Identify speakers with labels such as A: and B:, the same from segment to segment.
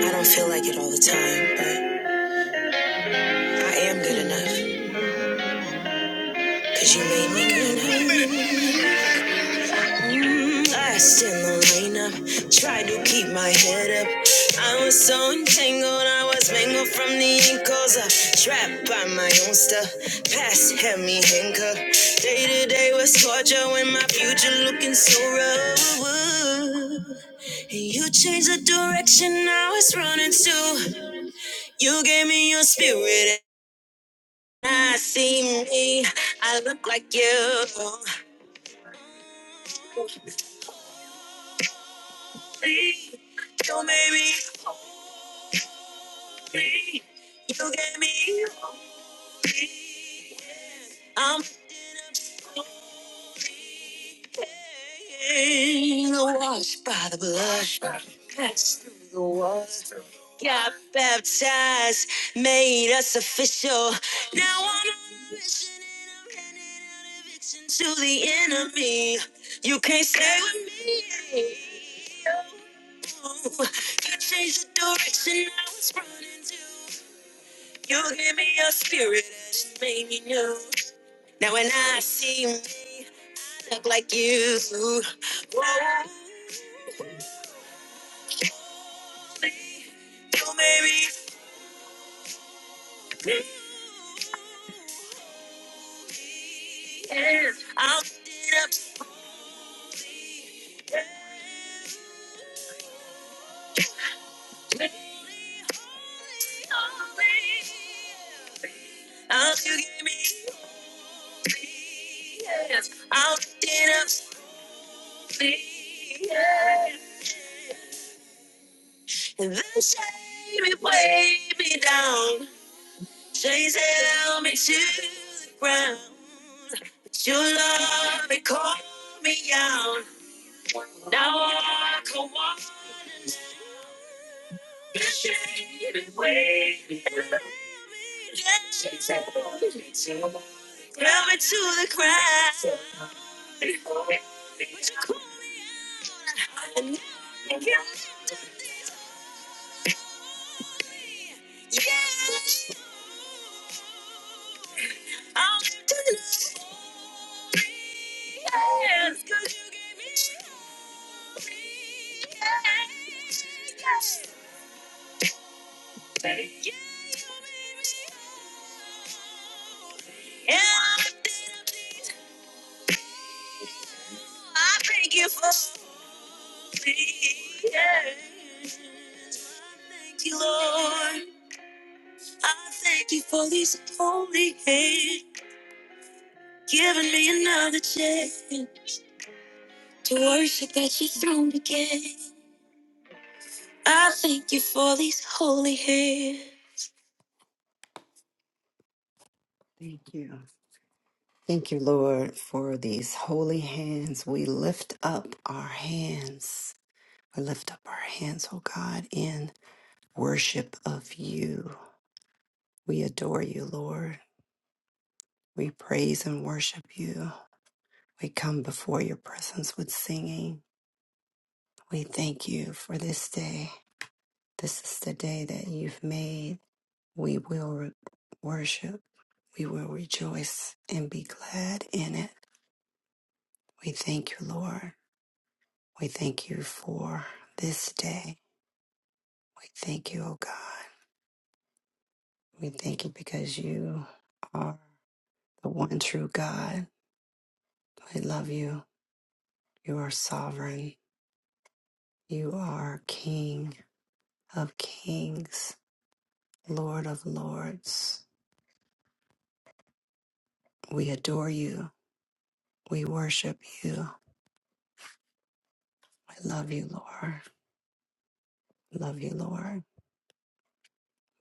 A: I don't feel like it all the time, but I am good enough. Cause you made me good enough. Mm, Last in the lineup, tried to keep my head up. I was so entangled, I was mangled from the ankles up. Trapped by my own stuff, past had me handcuffed. Day to day was torture when my future looking so rough. And you changed the direction I was running to. You gave me your spirit. I see me, I look like you. You made me, you gave me. I'm in a pain, washed by the blood. That's- Got baptized, made us official. Now I'm on a mission and I'm handing out eviction to the enemy. You can't stay with me. You changed the direction I was running to. You give me your spirit and made me new. Now when I see me, I look like you. Whoa, you made me. Yeah. I'm fed up. i will you give me. Yes. i will get up. please. And the shame it weighed me down. Chase held me to the ground, but your love it called me out. Now I'm ashamed and waiting. chase held me to the ground, held me to the but you called me out. And now I'm here. Yes, I'm doing it. Yes, yes. I thank you for me. Yeah. you, Lord. I thank you for these holy hands, giving me another chance to worship at your throne again. I thank you for these holy hands. Thank you. Thank you, Lord, for these holy hands. We lift up our hands. We lift up our hands, oh God, in worship of you. We adore you, Lord. We praise and worship you. We come before your presence with singing. We thank you for this day. This is the day that you've made. We will re- worship. We will rejoice and be glad in it. We thank you, Lord. We thank you for this day. We thank you, O God. We thank you because you are the one true God. I love you. You are sovereign. You are King of kings, Lord of lords. We adore you. We worship you. We love you, Lord. We love you, Lord.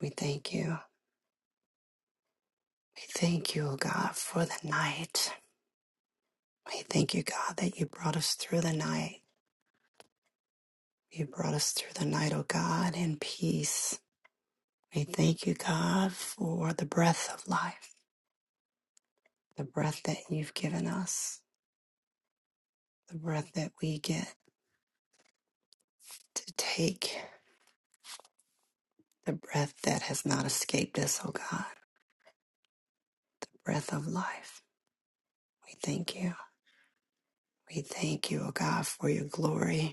A: We thank you. We thank you, O God, for the night. We thank you, God, that you brought us through the night. You brought us through the night, O God, in peace. We thank you, God, for the breath of life, the breath that you've given us, the breath that we get to take, the breath that has not escaped us, O God, breath of life. We thank you. We thank you, O God, for your glory.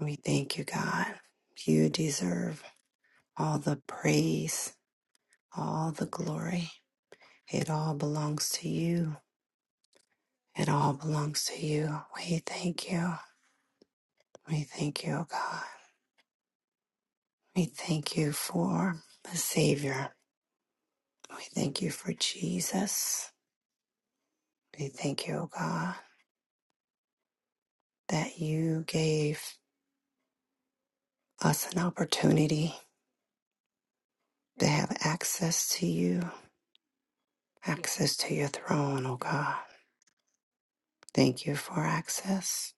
A: We thank you, God. You deserve all the praise, all the glory. It all belongs to you. It all belongs to you. We thank you. We thank you, oh God. We thank you for the Savior. We thank you for Jesus. We thank you, oh God, that you gave us an opportunity to have access to you, access to your throne, oh God. Thank you for access.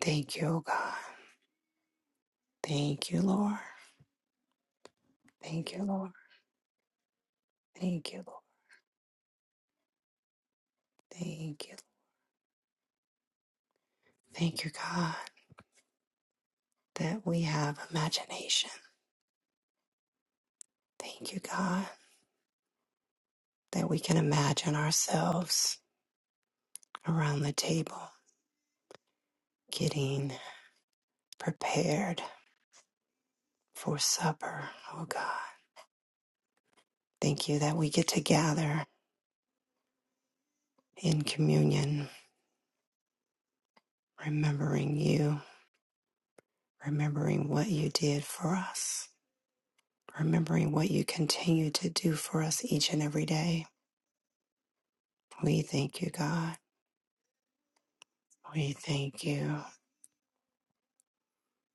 A: Thank you, oh God. Thank you, Lord. Thank you, Lord. Thank you, Lord. Thank you. Thank you, God, that we have imagination. Thank you, God, that we can imagine ourselves around the table getting prepared for supper. Oh, God. Thank you that we get to gather in communion, remembering you, remembering what you did for us, remembering what you continue to do for us each and every day. We thank you, God. We thank you,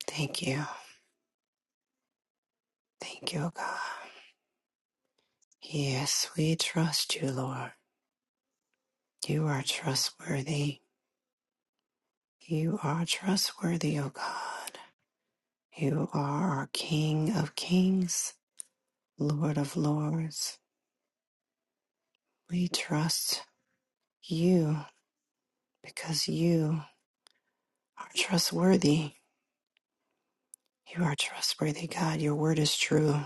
A: thank you, thank you, God. Yes, we trust you, Lord. You are trustworthy. You are trustworthy, O God. You are our King of kings, Lord of lords. We trust you because you are trustworthy. You are trustworthy, God. Your word is true.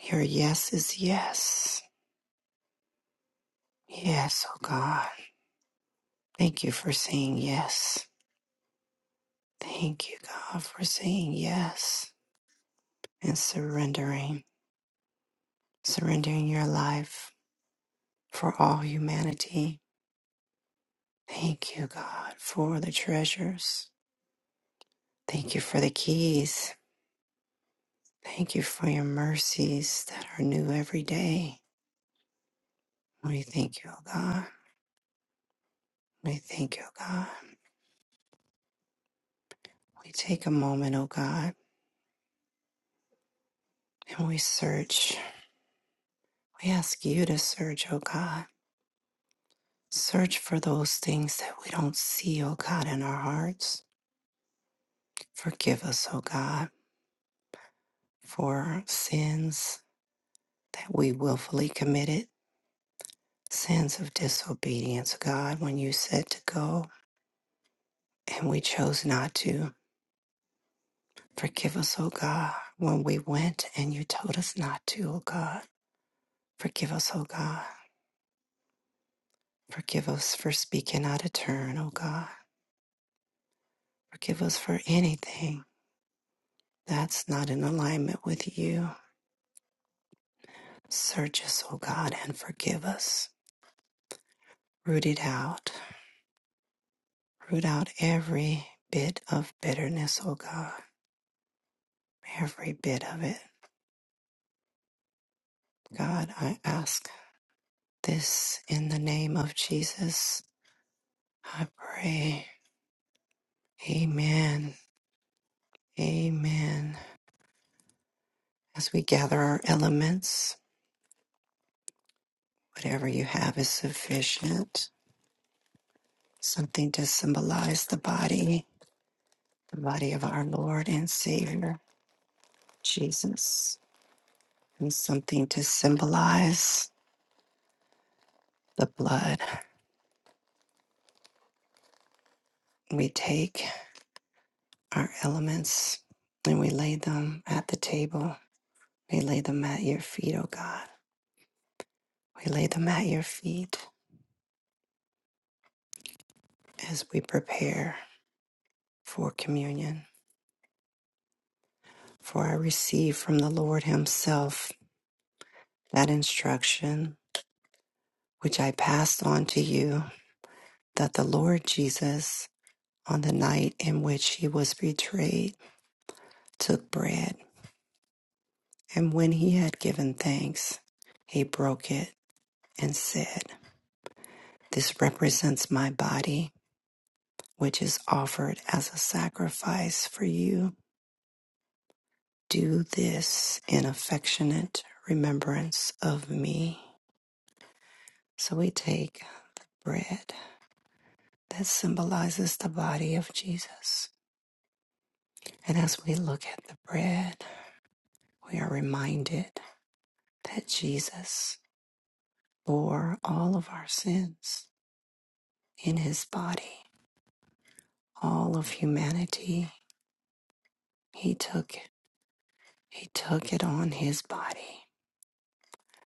A: Your yes is yes. Yes, O God. Thank you for saying yes. Thank you, God, for saying yes and surrendering, surrendering your life for all humanity. Thank you, God, for the treasures. Thank you for the keys. Thank you for your mercies that are new every day. We thank you, oh God. We thank you, oh God. We take a moment, oh God, and we search. We ask you to search, oh God. Search for those things that we don't see, oh God, in our hearts. Forgive us, O God. for sins that we willfully committed, sins of disobedience, God, when you said to go and we chose not to. Forgive us, O God, when we went and you told us not to, O God. Forgive us, O God. Forgive us for speaking out of turn, O God. Forgive us for anything that's not in alignment with you. Search us, O God, and forgive us. Root it out. Root out every bit of bitterness, O God every bit of it. God, I ask this in the name of Jesus. I pray. Amen. Amen. As we gather our elements, whatever you have is sufficient. Something to symbolize the body, the body of our Lord and Savior, Jesus, and something to symbolize the blood. We take our elements and we lay them at the table We lay them at your feet, O God. We lay them at your feet as we prepare for communion. For I receive from the Lord Himself that instruction which I passed on to you that the Lord Jesus, on the night in which He was betrayed, took bread. And when He had given thanks, He broke it and said, This represents my body, which is offered as a sacrifice for you. Do this in affectionate remembrance of me. So we take bread that symbolizes the body of Jesus. And as we look at the bread, we are reminded that Jesus bore all of our sins in his body, all of humanity. He took it. He took it on his body.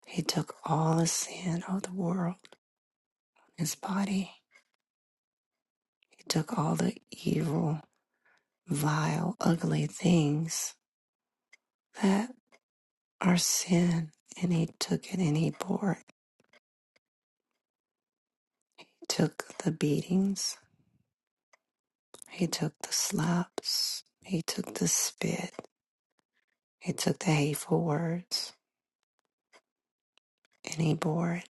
A: He took all the sin of the world on his body. He took all the evil vile, ugly things that are sin. And he took it and he bore it. He took the beatings. He took the slaps. He took the spit. He took the hateful words and he bore it.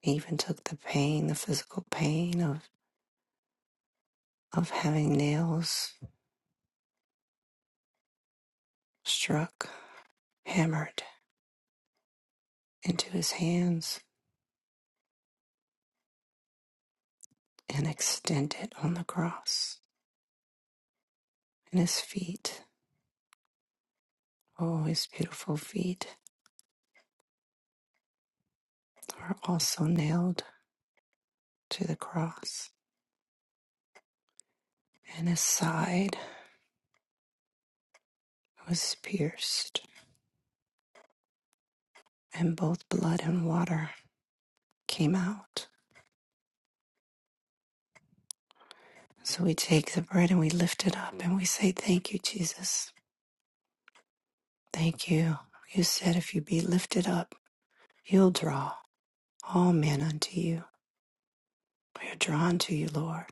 A: He even took the pain, the physical pain of, of having nails struck, hammered into his hands and extended on the cross. And his feet, oh, his beautiful feet were also nailed to the cross, and his side was pierced, and both blood and water came out. So we take the bread and we lift it up and we say, Thank you, Jesus. Thank you. You said if you be lifted up, you'll draw all men unto you. We are drawn to you, Lord,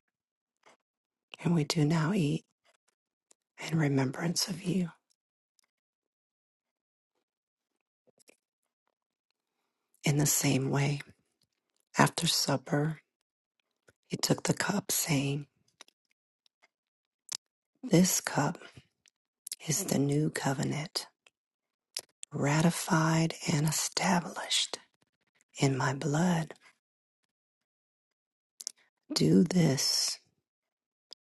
A: and we do now eat in remembrance of you. In the same way, after supper, he took the cup, saying, This cup is the new covenant ratified and established in my blood. Do this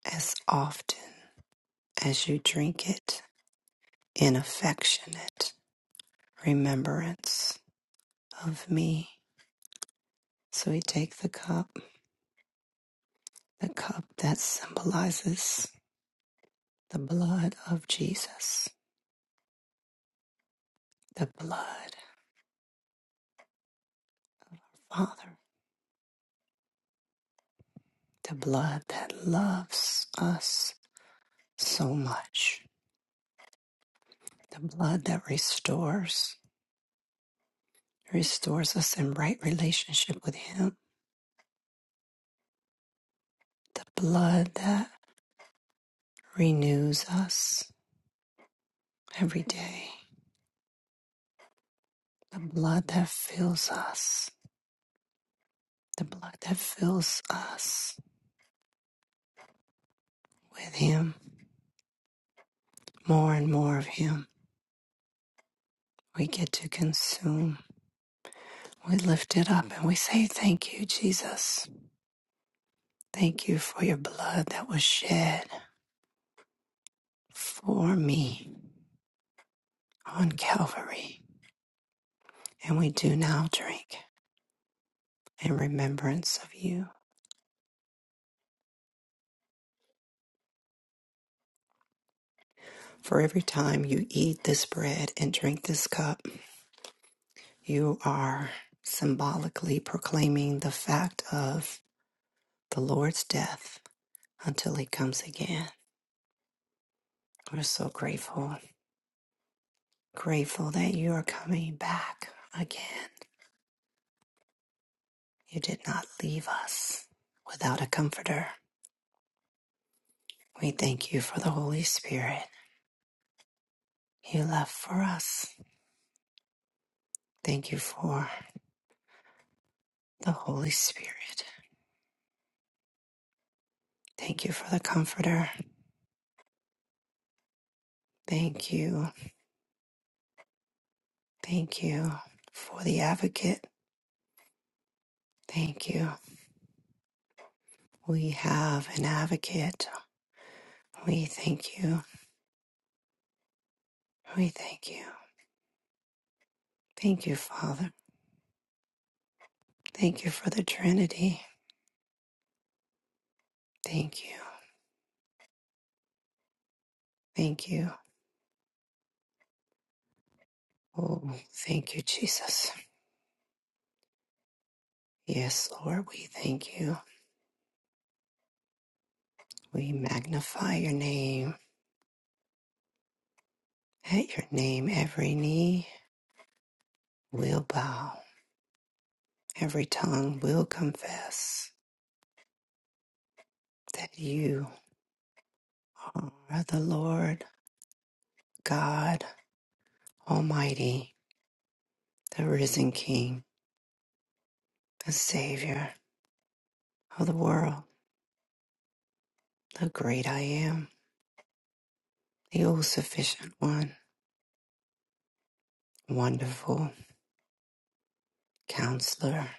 A: as often as you drink it in affectionate remembrance of me. So we take the cup, the cup that symbolizes the blood of Jesus, the blood, Father, the blood that loves us so much, the blood that restores, restores us in right relationship with Him the blood that renews us every day, the blood that fills us, the blood that fills us with Him, more and more of Him. We get to consume. We lift it up and we say, Thank you, Jesus. Thank you for your blood that was shed for me on Calvary. And we do now drink in remembrance of you. For every time you eat this bread and drink this cup, You are symbolically proclaiming the fact of the Lord's death until he comes again. We're so grateful, grateful that you are coming back again. You did not leave us without a comforter. We thank you for the Holy Spirit you left for us. Thank you for the Holy Spirit. Thank you for the comforter. Thank you. Thank you for the advocate. Thank you. We have an advocate. We thank you. We thank you. Thank you, Father. Thank you for the Trinity. Thank you. Thank you. Oh, thank you, Jesus. Yes, Lord, we thank you. We magnify your name. At your name, every knee will bow, every tongue will confess that you are the Lord God Almighty, the risen King, the Savior of the world. the great I am, the all sufficient one, wonderful counselor,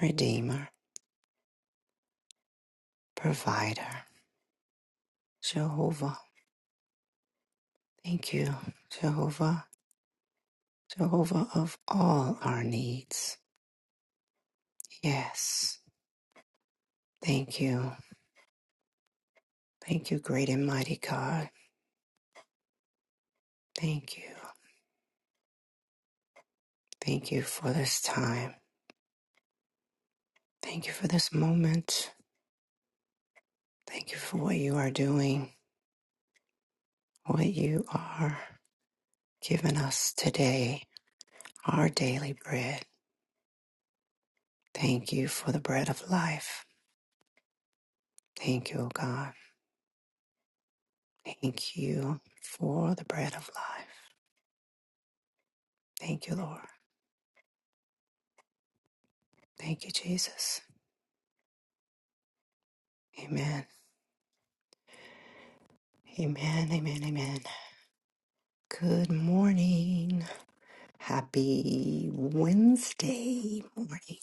A: redeemer, provider, Jehovah. Thank you, Jehovah, Jehovah of all our needs. Yes, thank you. Thank you, great and mighty God. Thank you. Thank you for this time. Thank you for this moment. Thank you for what you are doing, what you are giving us today, our daily bread. Thank you for the bread of life. Thank you, O God. Thank you for the bread of life. Thank you, Lord. Thank you, Jesus. Amen. Amen. Amen. Amen. Good morning. Happy Wednesday morning.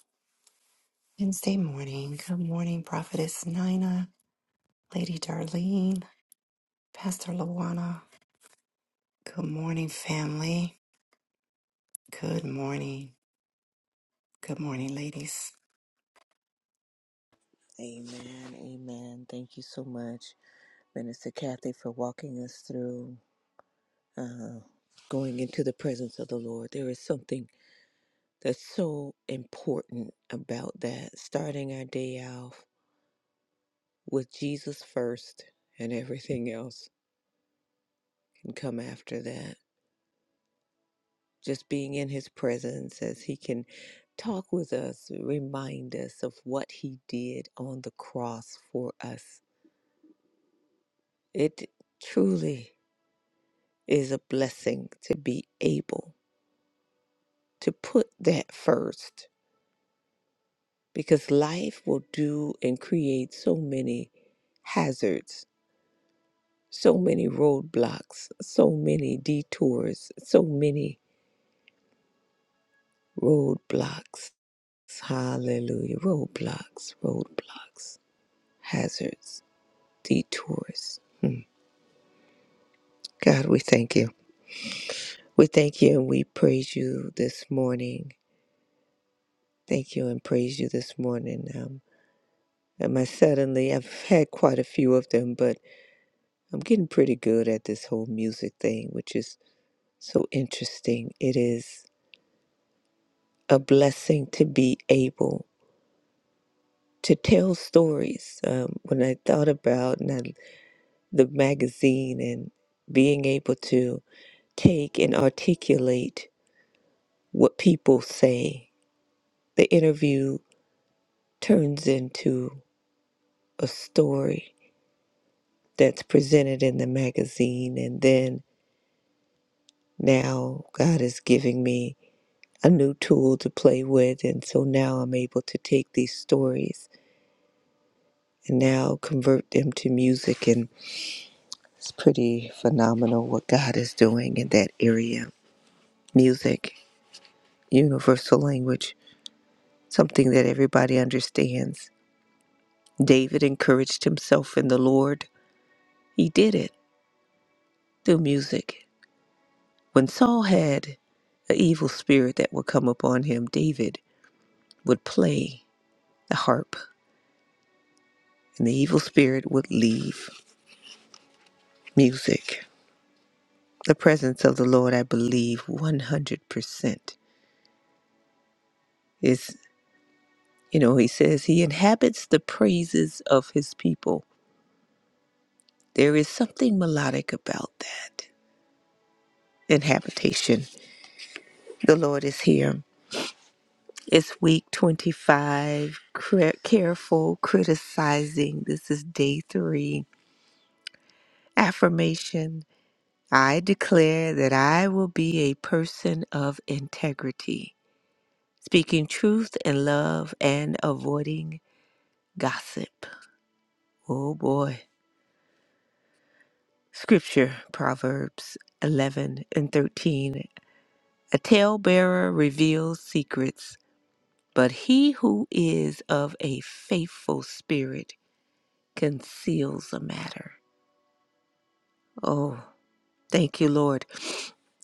A: Wednesday morning. Good morning, Prophetess Nina, Lady Darlene, Pastor Lawana. Good morning, family. Good morning. Good morning, ladies.
B: Amen. Amen. Thank you so much, Minister Kathy, for walking us through uh, going into the presence of the Lord. There is something that's so important about that. Starting our day off with Jesus first, and everything else can come after that. Just being in his presence as he can talk with us, remind us of what he did on the cross for us. It truly is a blessing to be able to put that first because life will do and create so many hazards, so many roadblocks, so many detours, so many roadblocks. Hallelujah. Roadblocks, roadblocks, hazards, detours. God, we thank you. We thank you and we praise you this morning. Thank you and praise you this morning. Um. Am I suddenly? I've had quite a few of them, but I'm getting pretty good at this whole music thing, which is so interesting. It is a blessing to be able to tell stories. Um, when I thought about and I- the magazine and being able to take and articulate what people say, the interview turns into a story that's presented in the magazine, and then now God is giving me a new tool to play with. And so now I'm able to take these stories and now convert them to music. And it's pretty phenomenal what God is doing in that area. Music, universal language, something that everybody understands. David encouraged himself in the Lord. He did it through music. When Saul had an evil spirit that would come upon him, David would play the harp, and the evil spirit would leave music. The presence of the Lord, I believe 100%, is, you know, he says he inhabits the praises of his people. There is something melodic about that inhabitation. The Lord is here. It's week 25, cri- careful criticizing. This is day three. Affirmation I declare that I will be a person of integrity, speaking truth and love and avoiding gossip. Oh boy. Scripture, Proverbs 11 and 13. A talebearer reveals secrets, but he who is of a faithful spirit conceals a matter. Oh, thank you, Lord.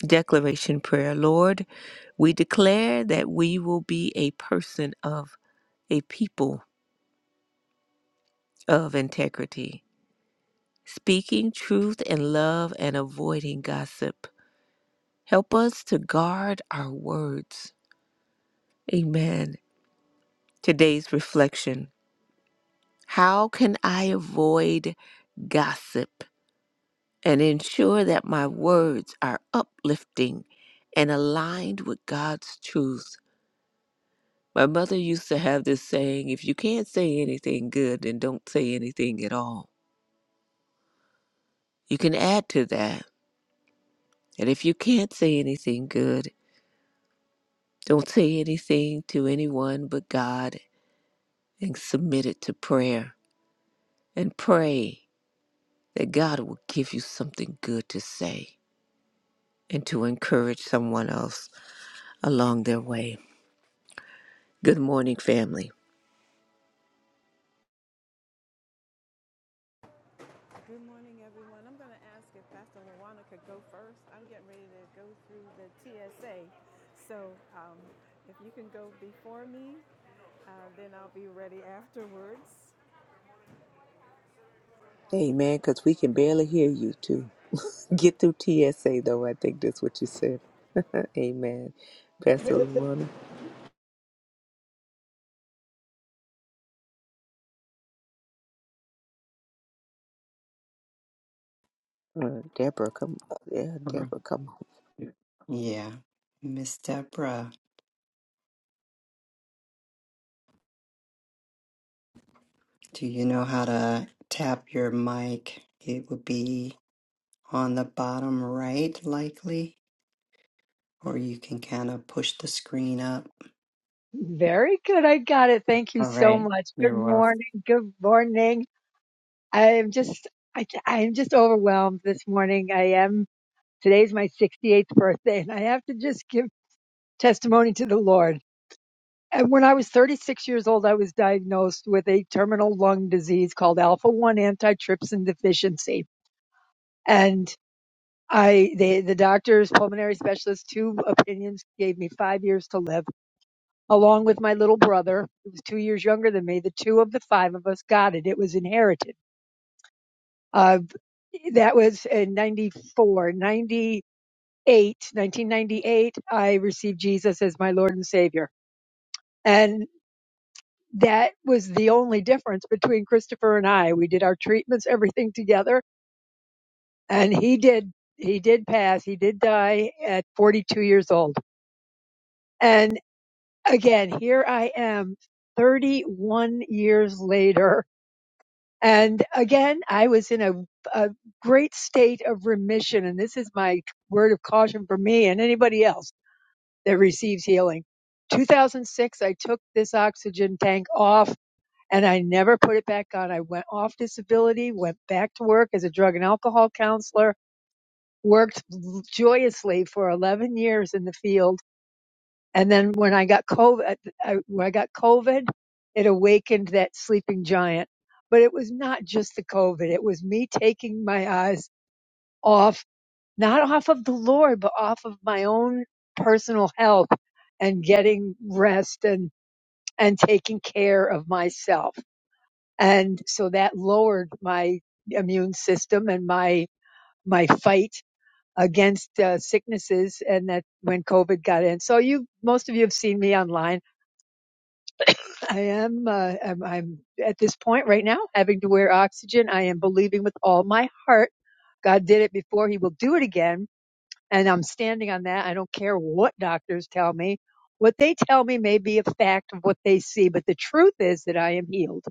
B: Declaration prayer. Lord, we declare that we will be a person of a people of integrity, speaking truth and love and avoiding gossip. Help us to guard our words Amen. Today's reflection How can I avoid gossip and ensure that my words are uplifting and aligned with God's truth? My mother used to have this saying if you can't say anything good, then don't say anything at all. You can add to that that if you can't say anything good, don't say anything to anyone but God and submit it to prayer and pray that God will give you something good to say and to encourage someone else along their way. Good morning, family.
C: Good morning, everyone. I'm going to ask if Pastor Lawana could go first. I'm getting ready to go through the TSA. So um, if you can go before me, uh, then I'll be ready afterwards.
B: Amen, because we can barely hear you too. Get through TSA though, I think that's what you said. Amen. Pastor Luana. Uh, Deborah, come on. Yeah,
A: Mhm.
B: Deborah, come on.
A: Yeah. Miss Deborah. Do you know how to tap your mic? It would be on the bottom right, likely, or you can kind of push the screen up.
D: Very good. I got it. Thank you
A: All
D: so
A: right,
D: much. Good
A: you're welcome.
D: morning. Good morning. I am just, I, I am just overwhelmed this morning. I am, today's my 68th birthday and I have to just give testimony to the Lord. And when I was 36 years old, I was diagnosed with a terminal lung disease called alpha 1 antitrypsin deficiency. And I, they, the doctors, pulmonary specialists, two opinions gave me five years to live. along with my little brother, who was two years younger than me. The two of the five of us got it. It was inherited. Uh, that was in ninety four, ninety eight, nineteen ninety eight. I received Jesus as my Lord and Savior. And that was the only difference between Christopher and I. We did our treatments, everything together. And he did, he did pass. He did die at 42 years old. And again, here I am 31 years later And again, I was in a, a great state of remission. And this is my word of caution for me and anybody else that receives healing. 2006, I took this oxygen tank off and I never put it back on. I went off disability, went back to work as a drug and alcohol counselor, worked joyously for 11 years in the field and then when I got COVID, I, when I got COVID, it awakened that sleeping giant. But it was not just the COVID. It was me taking my eyes off, not off of the Lord, but off of my own personal health and getting rest and, and taking care of myself. And so that lowered my immune system and my, my fight against uh, sicknesses. And that when COVID got in. So you, most of you have seen me online I am. Uh, I'm, I'm at this point right now having to wear oxygen. I am believing with all my heart. God did it before. He will do it again. And I'm standing on that. I don't care what doctors tell me. What they tell me may be a fact of what they see, but the truth is that I am healed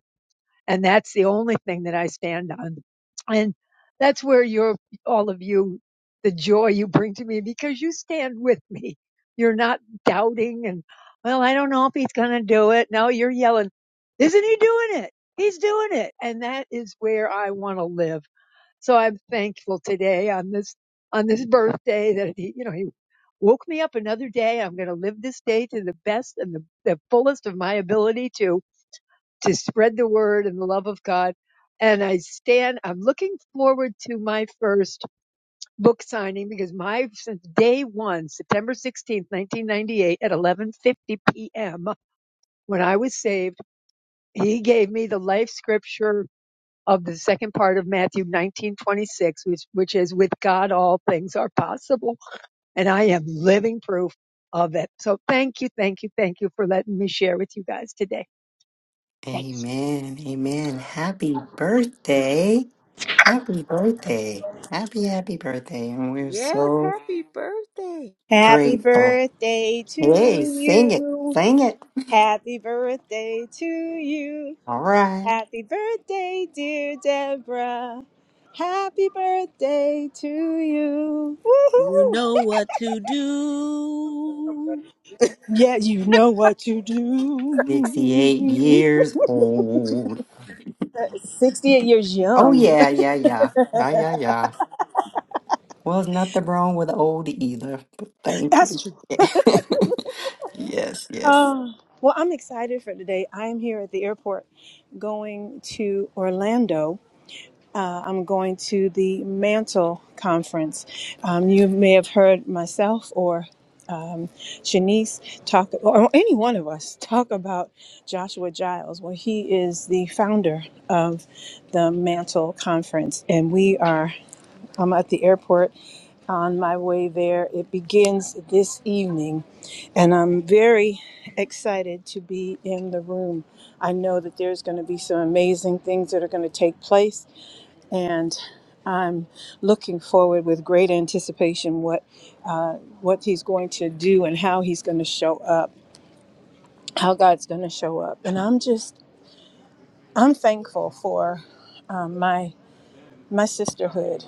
D: and that's the only thing that I stand on. And that's where you're, all of you, the joy you bring to me because you stand with me. You're not doubting and, well, I don't know if he's going to do it. No, you're yelling, isn't he doing it? He's doing it. And that is where I want to live. So I'm thankful today on this, on this birthday that he, you know, he woke me up another day. I'm going to live this day to the best and the, the fullest of my ability to to spread the word and the love of God. And I stand, I'm looking forward to my first book signing because my, since day one, September 16th, 1998 at 11.50 PM, when I was saved, he gave me the life scripture of the second part of Matthew 1926, which, which is with God, all things are possible. And I am living proof of it. So thank you. Thank you. Thank you for letting me share with you guys today. Thanks.
A: Amen. Amen. Happy birthday. Happy birthday. Happy, happy birthday. And we're
B: Yes,
A: so
B: happy birthday.
C: Happy
A: grateful.
C: birthday
A: Hey,
C: to
A: sing it.
C: you.
A: Sing it.
C: Happy birthday to you.
A: All right.
C: Happy birthday, dear Deborah. Happy birthday to you.
B: You
C: Woohoo!
B: know what to do.
C: Yeah, you know what to
A: 68
C: do.
A: years old.
C: 68 years
A: Oh,
C: young.
A: yeah, yeah, yeah. Yeah, yeah, yeah. Well, there's nothing wrong with old either. But thank you.
C: That's true.
A: yes, yes.
C: Um, well, I'm excited for today. I'm here at the airport going to Orlando. Uh, I'm going to the Mantle Conference. Um, you may have heard myself or um, Shanice talk, or any one of us talk about Joshua Giles. Well, he is the founder of the Mantle Conference, and we are. I'm at the airport on my way there. It begins this evening, and I'm very excited to be in the room. I know that there's going to be some amazing things that are going to take place, and I'm looking forward with great anticipation what what he's going to do and how he's going to show up, how God's going to show up. And I'm just I'm thankful for um, my my sisterhood,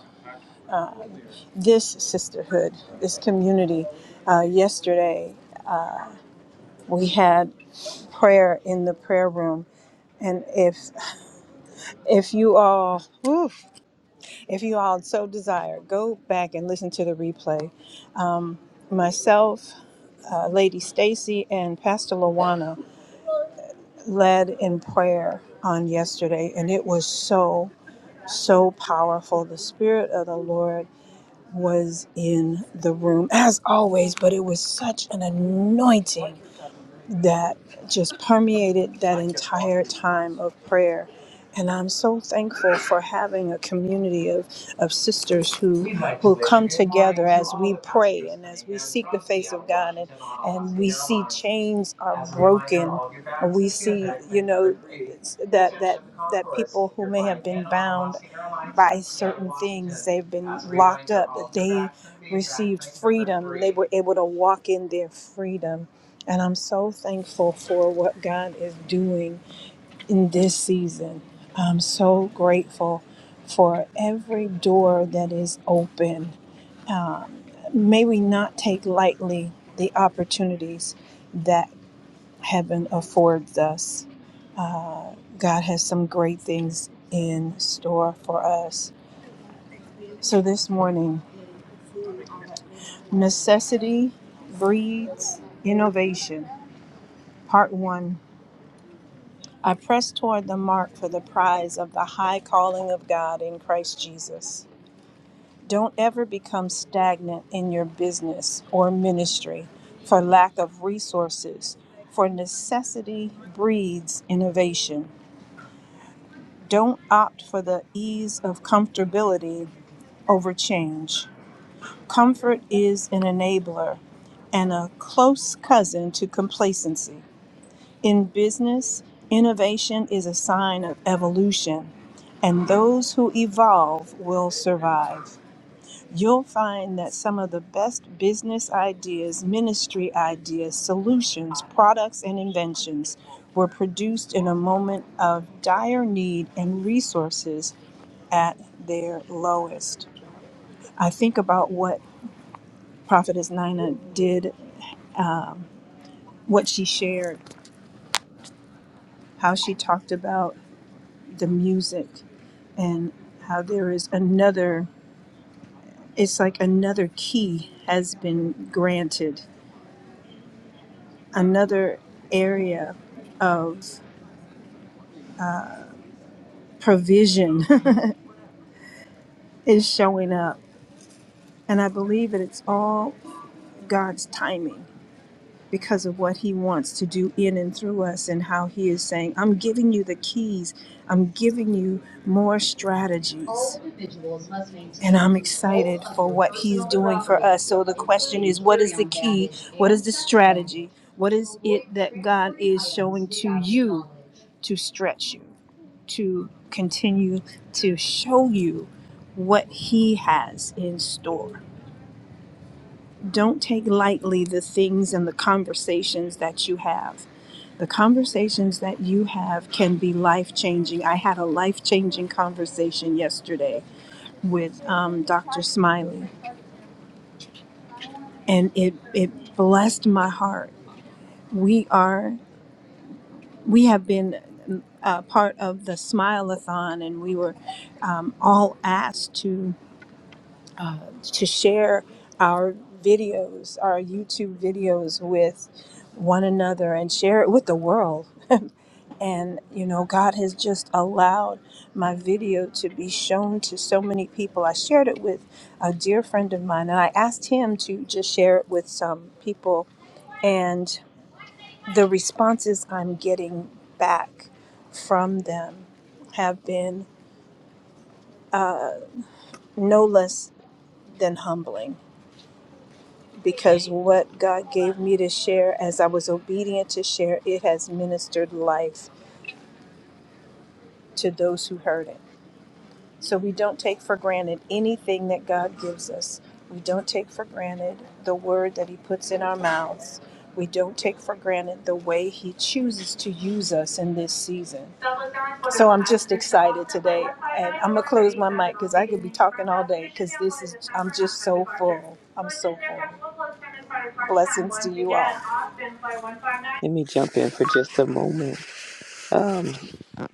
C: this sisterhood, this community. Uh, yesterday. we had prayer in the prayer room and if if you all oof, if you all so desire go back and listen to the replay um, myself uh, lady stacy and pastor lawana led in prayer on yesterday and it was so so powerful the spirit of the lord was in the room as always but it was such an anointing that just permeated that entire time of prayer. And I'm so thankful for having a community of, of sisters who who come together as we pray and as we seek the face of God and, and we see chains are broken. We see, you know, that that that people who may have been bound by certain things, they've been locked up, that they received freedom. They were able to walk in their freedom and I'm so thankful for what God is doing in this season. I'm so grateful for every door that is open. May we not take lightly the opportunities that heaven affords us. Uh, God has some great things in store for us. So this morning, necessity breeds innovation, part one I press toward the mark for the prize of the high calling of God in Christ Jesus. Don't ever become stagnant in your business or ministry for lack of resources, for necessity breeds innovation. Don't opt for the ease of comfortability over change. Comfort is an enabler and a close cousin to complacency. In business, innovation is a sign of evolution, and those who evolve will survive. You'll find that some of the best business ideas, ministry ideas, solutions, products, and inventions were produced in a moment of dire need and resources at their lowest. I think about what Prophetess Nina did, um, what she shared, how she talked about the music and how there is another, it's like another key has been granted, another area of provision is showing up. And I believe that it's all God's timing. because of what he wants to do in and through us and how he is saying, I'm giving you the keys, I'm giving you more strategies. and I'm excited for what he's doing for us. So the question is, what is the key? What is the strategy? What is it that God is showing to you to stretch you, to continue to show you what he has in store? don't take lightly the things and the conversations that you have. The conversations that you have can be life changing. I had a life changing conversation yesterday with um, Dr. Smiley, and it, it blessed my heart. We are, we have been uh, part of the Smile-a-thon, and we were um, all asked to. uh, to share our videos, our YouTube videos with one another and share it with the world. And, you know, God has just allowed my video to be shown to so many people. I shared it with a dear friend of mine and I asked him to just share it with some people. And the responses I'm getting back from them have been uh, no less than humbling because what God gave me to share, as I was obedient to share, it has ministered life to those who heard it. So we don't take for granted anything that God gives us. We don't take for granted the word that He puts in our mouths. We don't take for granted the way He chooses to use us in this season. So I'm just excited today. And I'm going to close my mic because I could be talking all day because this is, I'm just so full. I'm so full. Blessings to you all.
B: Let me jump in for just a moment. Um.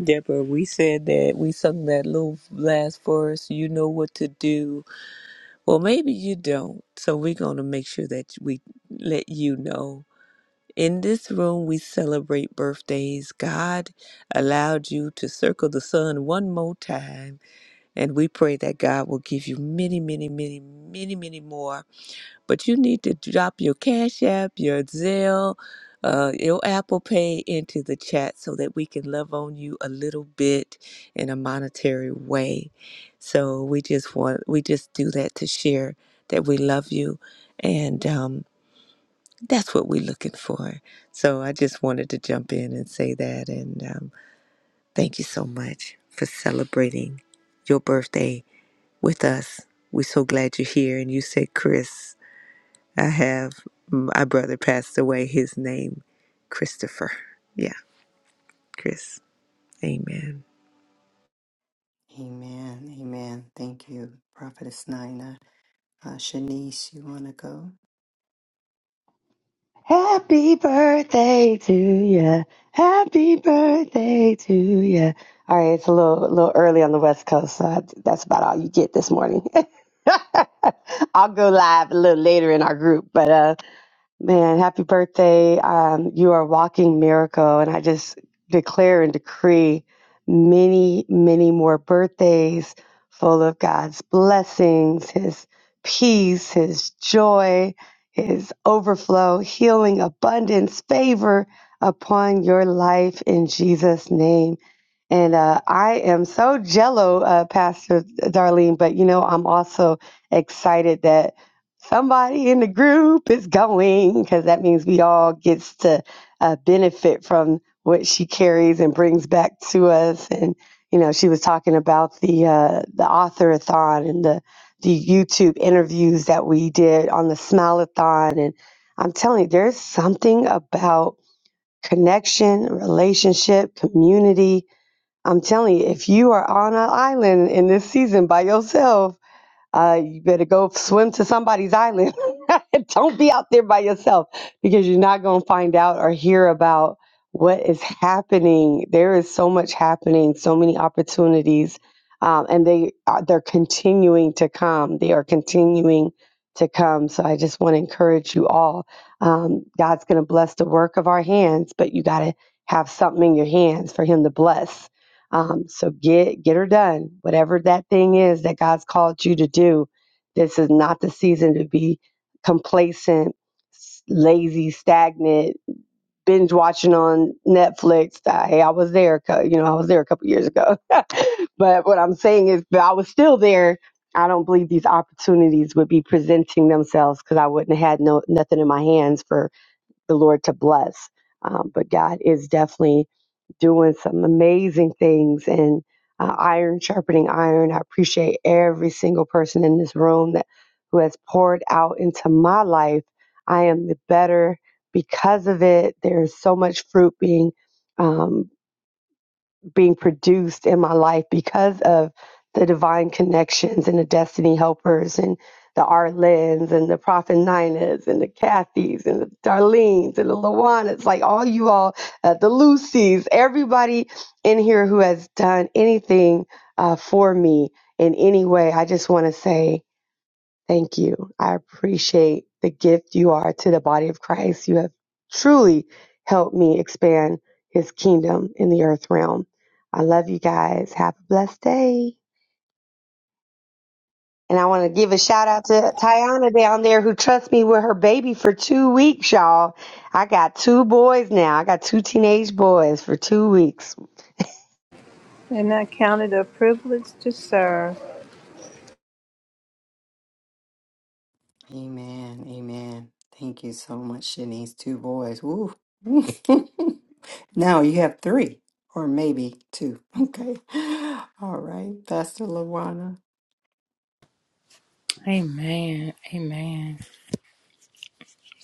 B: Deborah, we said that we sung that little last verse, you know what to do. Well, maybe you don't. So we're going to make sure that we let you know. In this room, we celebrate birthdays. God allowed you to circle the sun one more time. And we pray that God will give you many, many, many, many, many more but you need to drop your Cash App, your Zelle, uh, your Apple Pay into the chat so that we can love on you a little bit in a monetary way. So we just want, we just do that to share that we love you, and um, that's what we're looking for. So I just wanted to jump in and say that, and um, thank you so much for celebrating your birthday with us. We're so glad you're here. And you said, Chris. I have my brother passed away. His name, Christopher. Yeah, Chris. Amen.
A: Amen. Amen. Thank you, Prophetess Nina. Uh, Shanice, you want to go?
E: Happy birthday to you. Happy birthday to you. All right, it's a little a little early on the West Coast, so I, that's about all you get this morning. I'll go live a little later in our group, but uh Man, happy birthday. Um, you are a walking miracle. And I just declare and decree many, many more birthdays full of God's blessings, His peace, His joy, His overflow, healing, abundance, favor upon your life in Jesus' name. And uh, I am so jello, uh, Pastor Darlene, but you know, I'm also excited that. Somebody in the group is going because that means we all gets to uh, benefit from what she carries and brings back to us. And you know, she was talking about the uh, the authorathon and the the YouTube interviews that we did on the Smileathon. And I'm telling you, there's something about connection, relationship, community. I'm telling you, if you are on an island in this season by yourself uh, you better go swim to somebody's island. Don't be out there by yourself because you're not going to find out or hear about what is happening. There is so much happening, so many opportunities, um, and they are, they're continuing to come. They are continuing to come. So I just want to encourage you all. Um, God's going to bless the work of our hands, but you got to have something in your hands for Him to bless um, so get get her done. Whatever that thing is that God's called you to do, this is not the season to be complacent, s- lazy, stagnant, binge watching on Netflix. Uh, Hey, I was there. co- You know, I was there a couple years ago. But what I'm saying is, if I was still there. I don't believe these opportunities would be presenting themselves because I wouldn't have had no nothing in my hands for the Lord to bless. Um, but God is definitely doing some amazing things and uh, iron sharpening iron. I appreciate every single person in this room that who has poured out into my life. I am the better because of it. There's so much fruit being um, being produced in my life because of the divine connections and the destiny helpers and the Arlens and the Prophet Ninas and the Kathys and the Darlenes and the Lawanas, like all you all, uh, the Lucys, everybody in here who has done anything uh, for me in any way. I just want to say Thank you. I appreciate the gift you are to the body of Christ. You have truly helped me expand his kingdom in the earth realm. I love you guys. Have a blessed day. And I want to give a shout out to Tiana down there who trusts me with her baby for two weeks, y'all. I got two boys now. I got two teenage boys for two weeks.
C: And I count it a privilege to serve.
A: Amen. Amen. Thank you so much, Shanice. Two boys. Woo. now you have three, or maybe two. Okay. All right. Pastor Lawana.
F: Amen. Amen.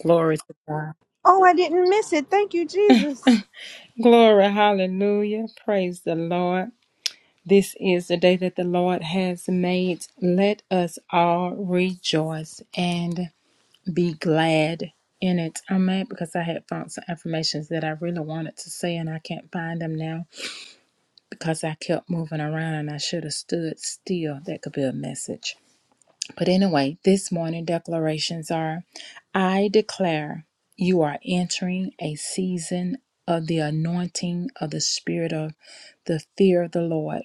F: Glory to God.
C: Oh, I didn't miss it. Thank you, Jesus.
F: Glory. Hallelujah. Praise the Lord. This is the day that the Lord has made. Let us all rejoice and be glad in it. I'm mad because I had found some affirmations that I really wanted to say and I can't find them now because I kept moving around and I should have stood still. That could be a message. But anyway, this morning declarations are I declare you are entering a season of the anointing of the spirit of the fear of the Lord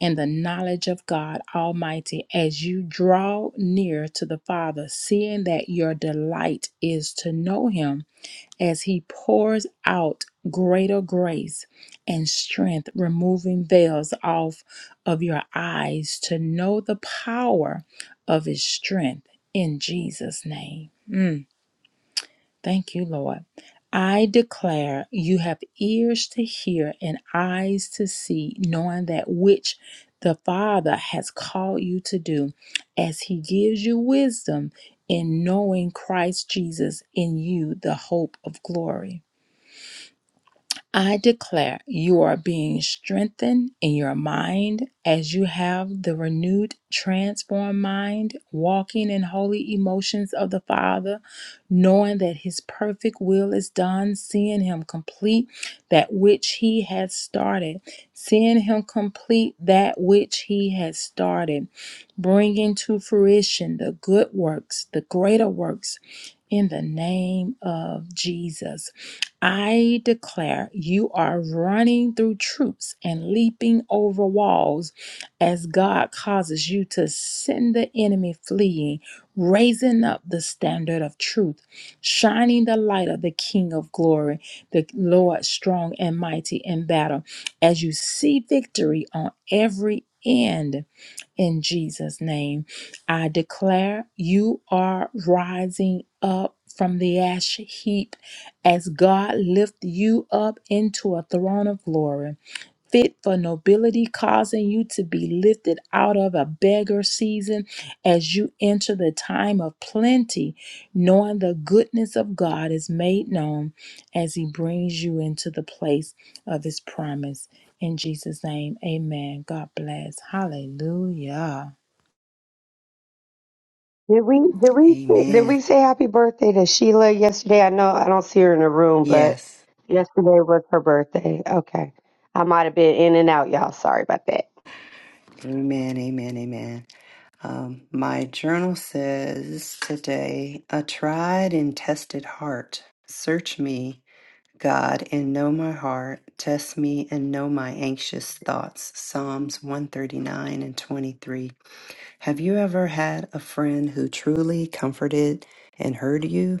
F: and the knowledge of God Almighty as you draw near to the Father, seeing that your delight is to know Him as He pours out greater grace and strength, removing veils off of your eyes to know the power of His strength in Jesus' name. Mm, thank you, Lord. I declare you have ears to hear and eyes to see, knowing that which the Father has called you to do as He gives you wisdom in knowing Christ Jesus in you, the hope of glory. I declare you are being strengthened in your mind as you have the renewed, transformed mind, walking in holy emotions of the Father, knowing that His perfect will is done, seeing Him complete that which He has started, seeing Him complete that which He has started, bringing to fruition the good works, the greater works, in the name of Jesus. I declare you are running through troops and leaping over walls as God causes you to send the enemy fleeing, raising up the standard of truth, shining the light of the King of glory, the Lord strong and mighty in battle, as you see victory on every end in Jesus' name. I declare you are rising up from the ash heap as God lifts you up into a throne of glory fit for nobility, causing you to be lifted out of a beggar season as you enter the time of plenty, knowing the goodness of God is made known as He brings you into the place of His promise. In Jesus' name, amen. God bless. Hallelujah.
E: Did we did we say, did
A: Amen.
E: we say happy birthday to Sheila yesterday? I know I don't see her in the room, but
A: Yes.
E: yesterday was her birthday. Okay, I might have been in and out, y'all. Sorry about that.
A: Amen. Amen. Amen. Um, my journal says today, a tried and tested heart. Search me, God, and know my heart. Test me and know my anxious thoughts. Psalms 139 and 23. Have you ever had a friend who truly comforted and heard you?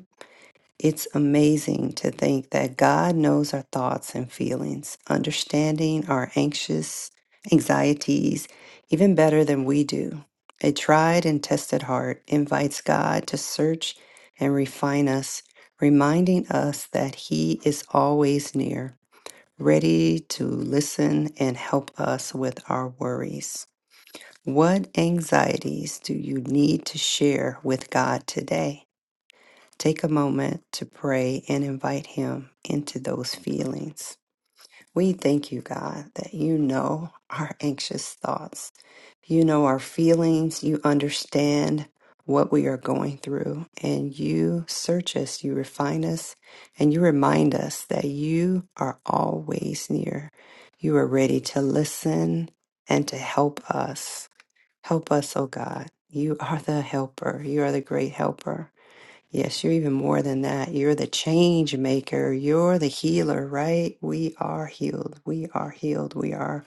A: It's amazing to think that God knows our thoughts and feelings, understanding our anxious anxieties even better than we do. A tried and tested heart invites God to search and refine us, reminding us that He is always near, ready to listen and help us with our worries. What anxieties do you need to share with God today? Take a moment to pray and invite Him into those feelings. We thank you, God, that you know our anxious thoughts. You know our feelings. You understand what we are going through. And you search us, you refine us, and you remind us that you are always near. You are ready to listen and to help us. Help us, oh God. You are the helper. You are the great helper. Yes, you're even more than that. You're the change maker. You're the healer, right? We are healed. We are healed. We are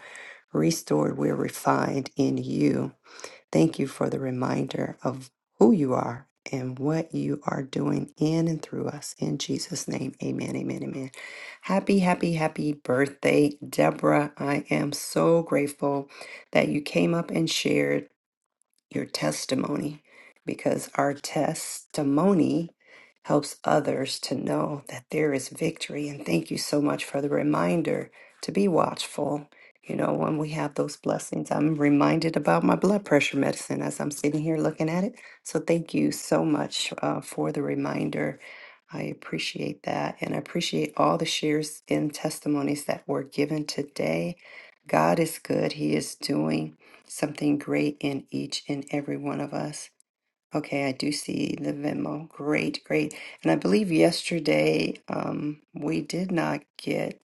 A: restored. We're refined in you. Thank you for the reminder of who you are and what you are doing in and through us. In Jesus' name, amen, amen, amen. Happy, happy, happy birthday, Deborah. I am so grateful that you came up and shared your testimony because our testimony helps others to know that there is victory. And thank you so much for the reminder to be watchful. You know, when we have those blessings, I'm reminded about my blood pressure medicine as I'm sitting here looking at it. So thank you so much uh, for the reminder. I appreciate that. And I appreciate all the shares and testimonies that were given today. God is good. He is doing something great in each and every one of us. Okay, I do see the Venmo. Great, great. And I believe yesterday um, we did not get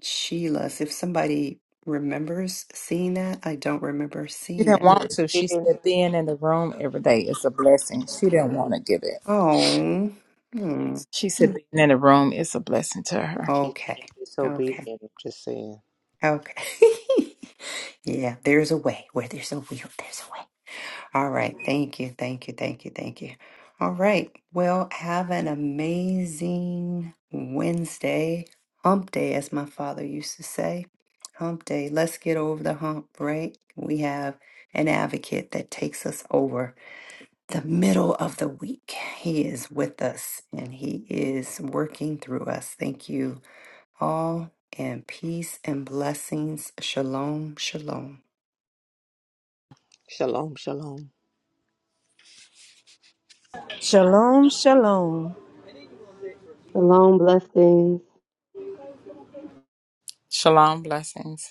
A: Sheila's. If somebody remembers seeing that, I don't remember
F: She
A: seeing
F: didn't
A: that.
F: want to. She
B: Yes.
F: said being in the room every day is a blessing. She didn't want to give it.
A: Oh, hmm.
F: She said being in the room is a blessing to her.
B: She's
A: okay, okay,
B: disobedient. I'm just saying.
A: okay. yeah, there's a way. Where there's a will, there's a way. All right. Thank you. Thank you. Thank you. Thank you. All right. Well, have an amazing Wednesday, hump day, as my father used to say. Hump day. Let's get over the hump, right? We have an advocate that takes us over the middle of the week. He is with us and he is working through us. Thank you all, and peace and blessings. Shalom. Shalom.
B: Shalom, shalom.
C: Shalom, shalom.
E: Shalom, blessings.
F: Shalom blessings.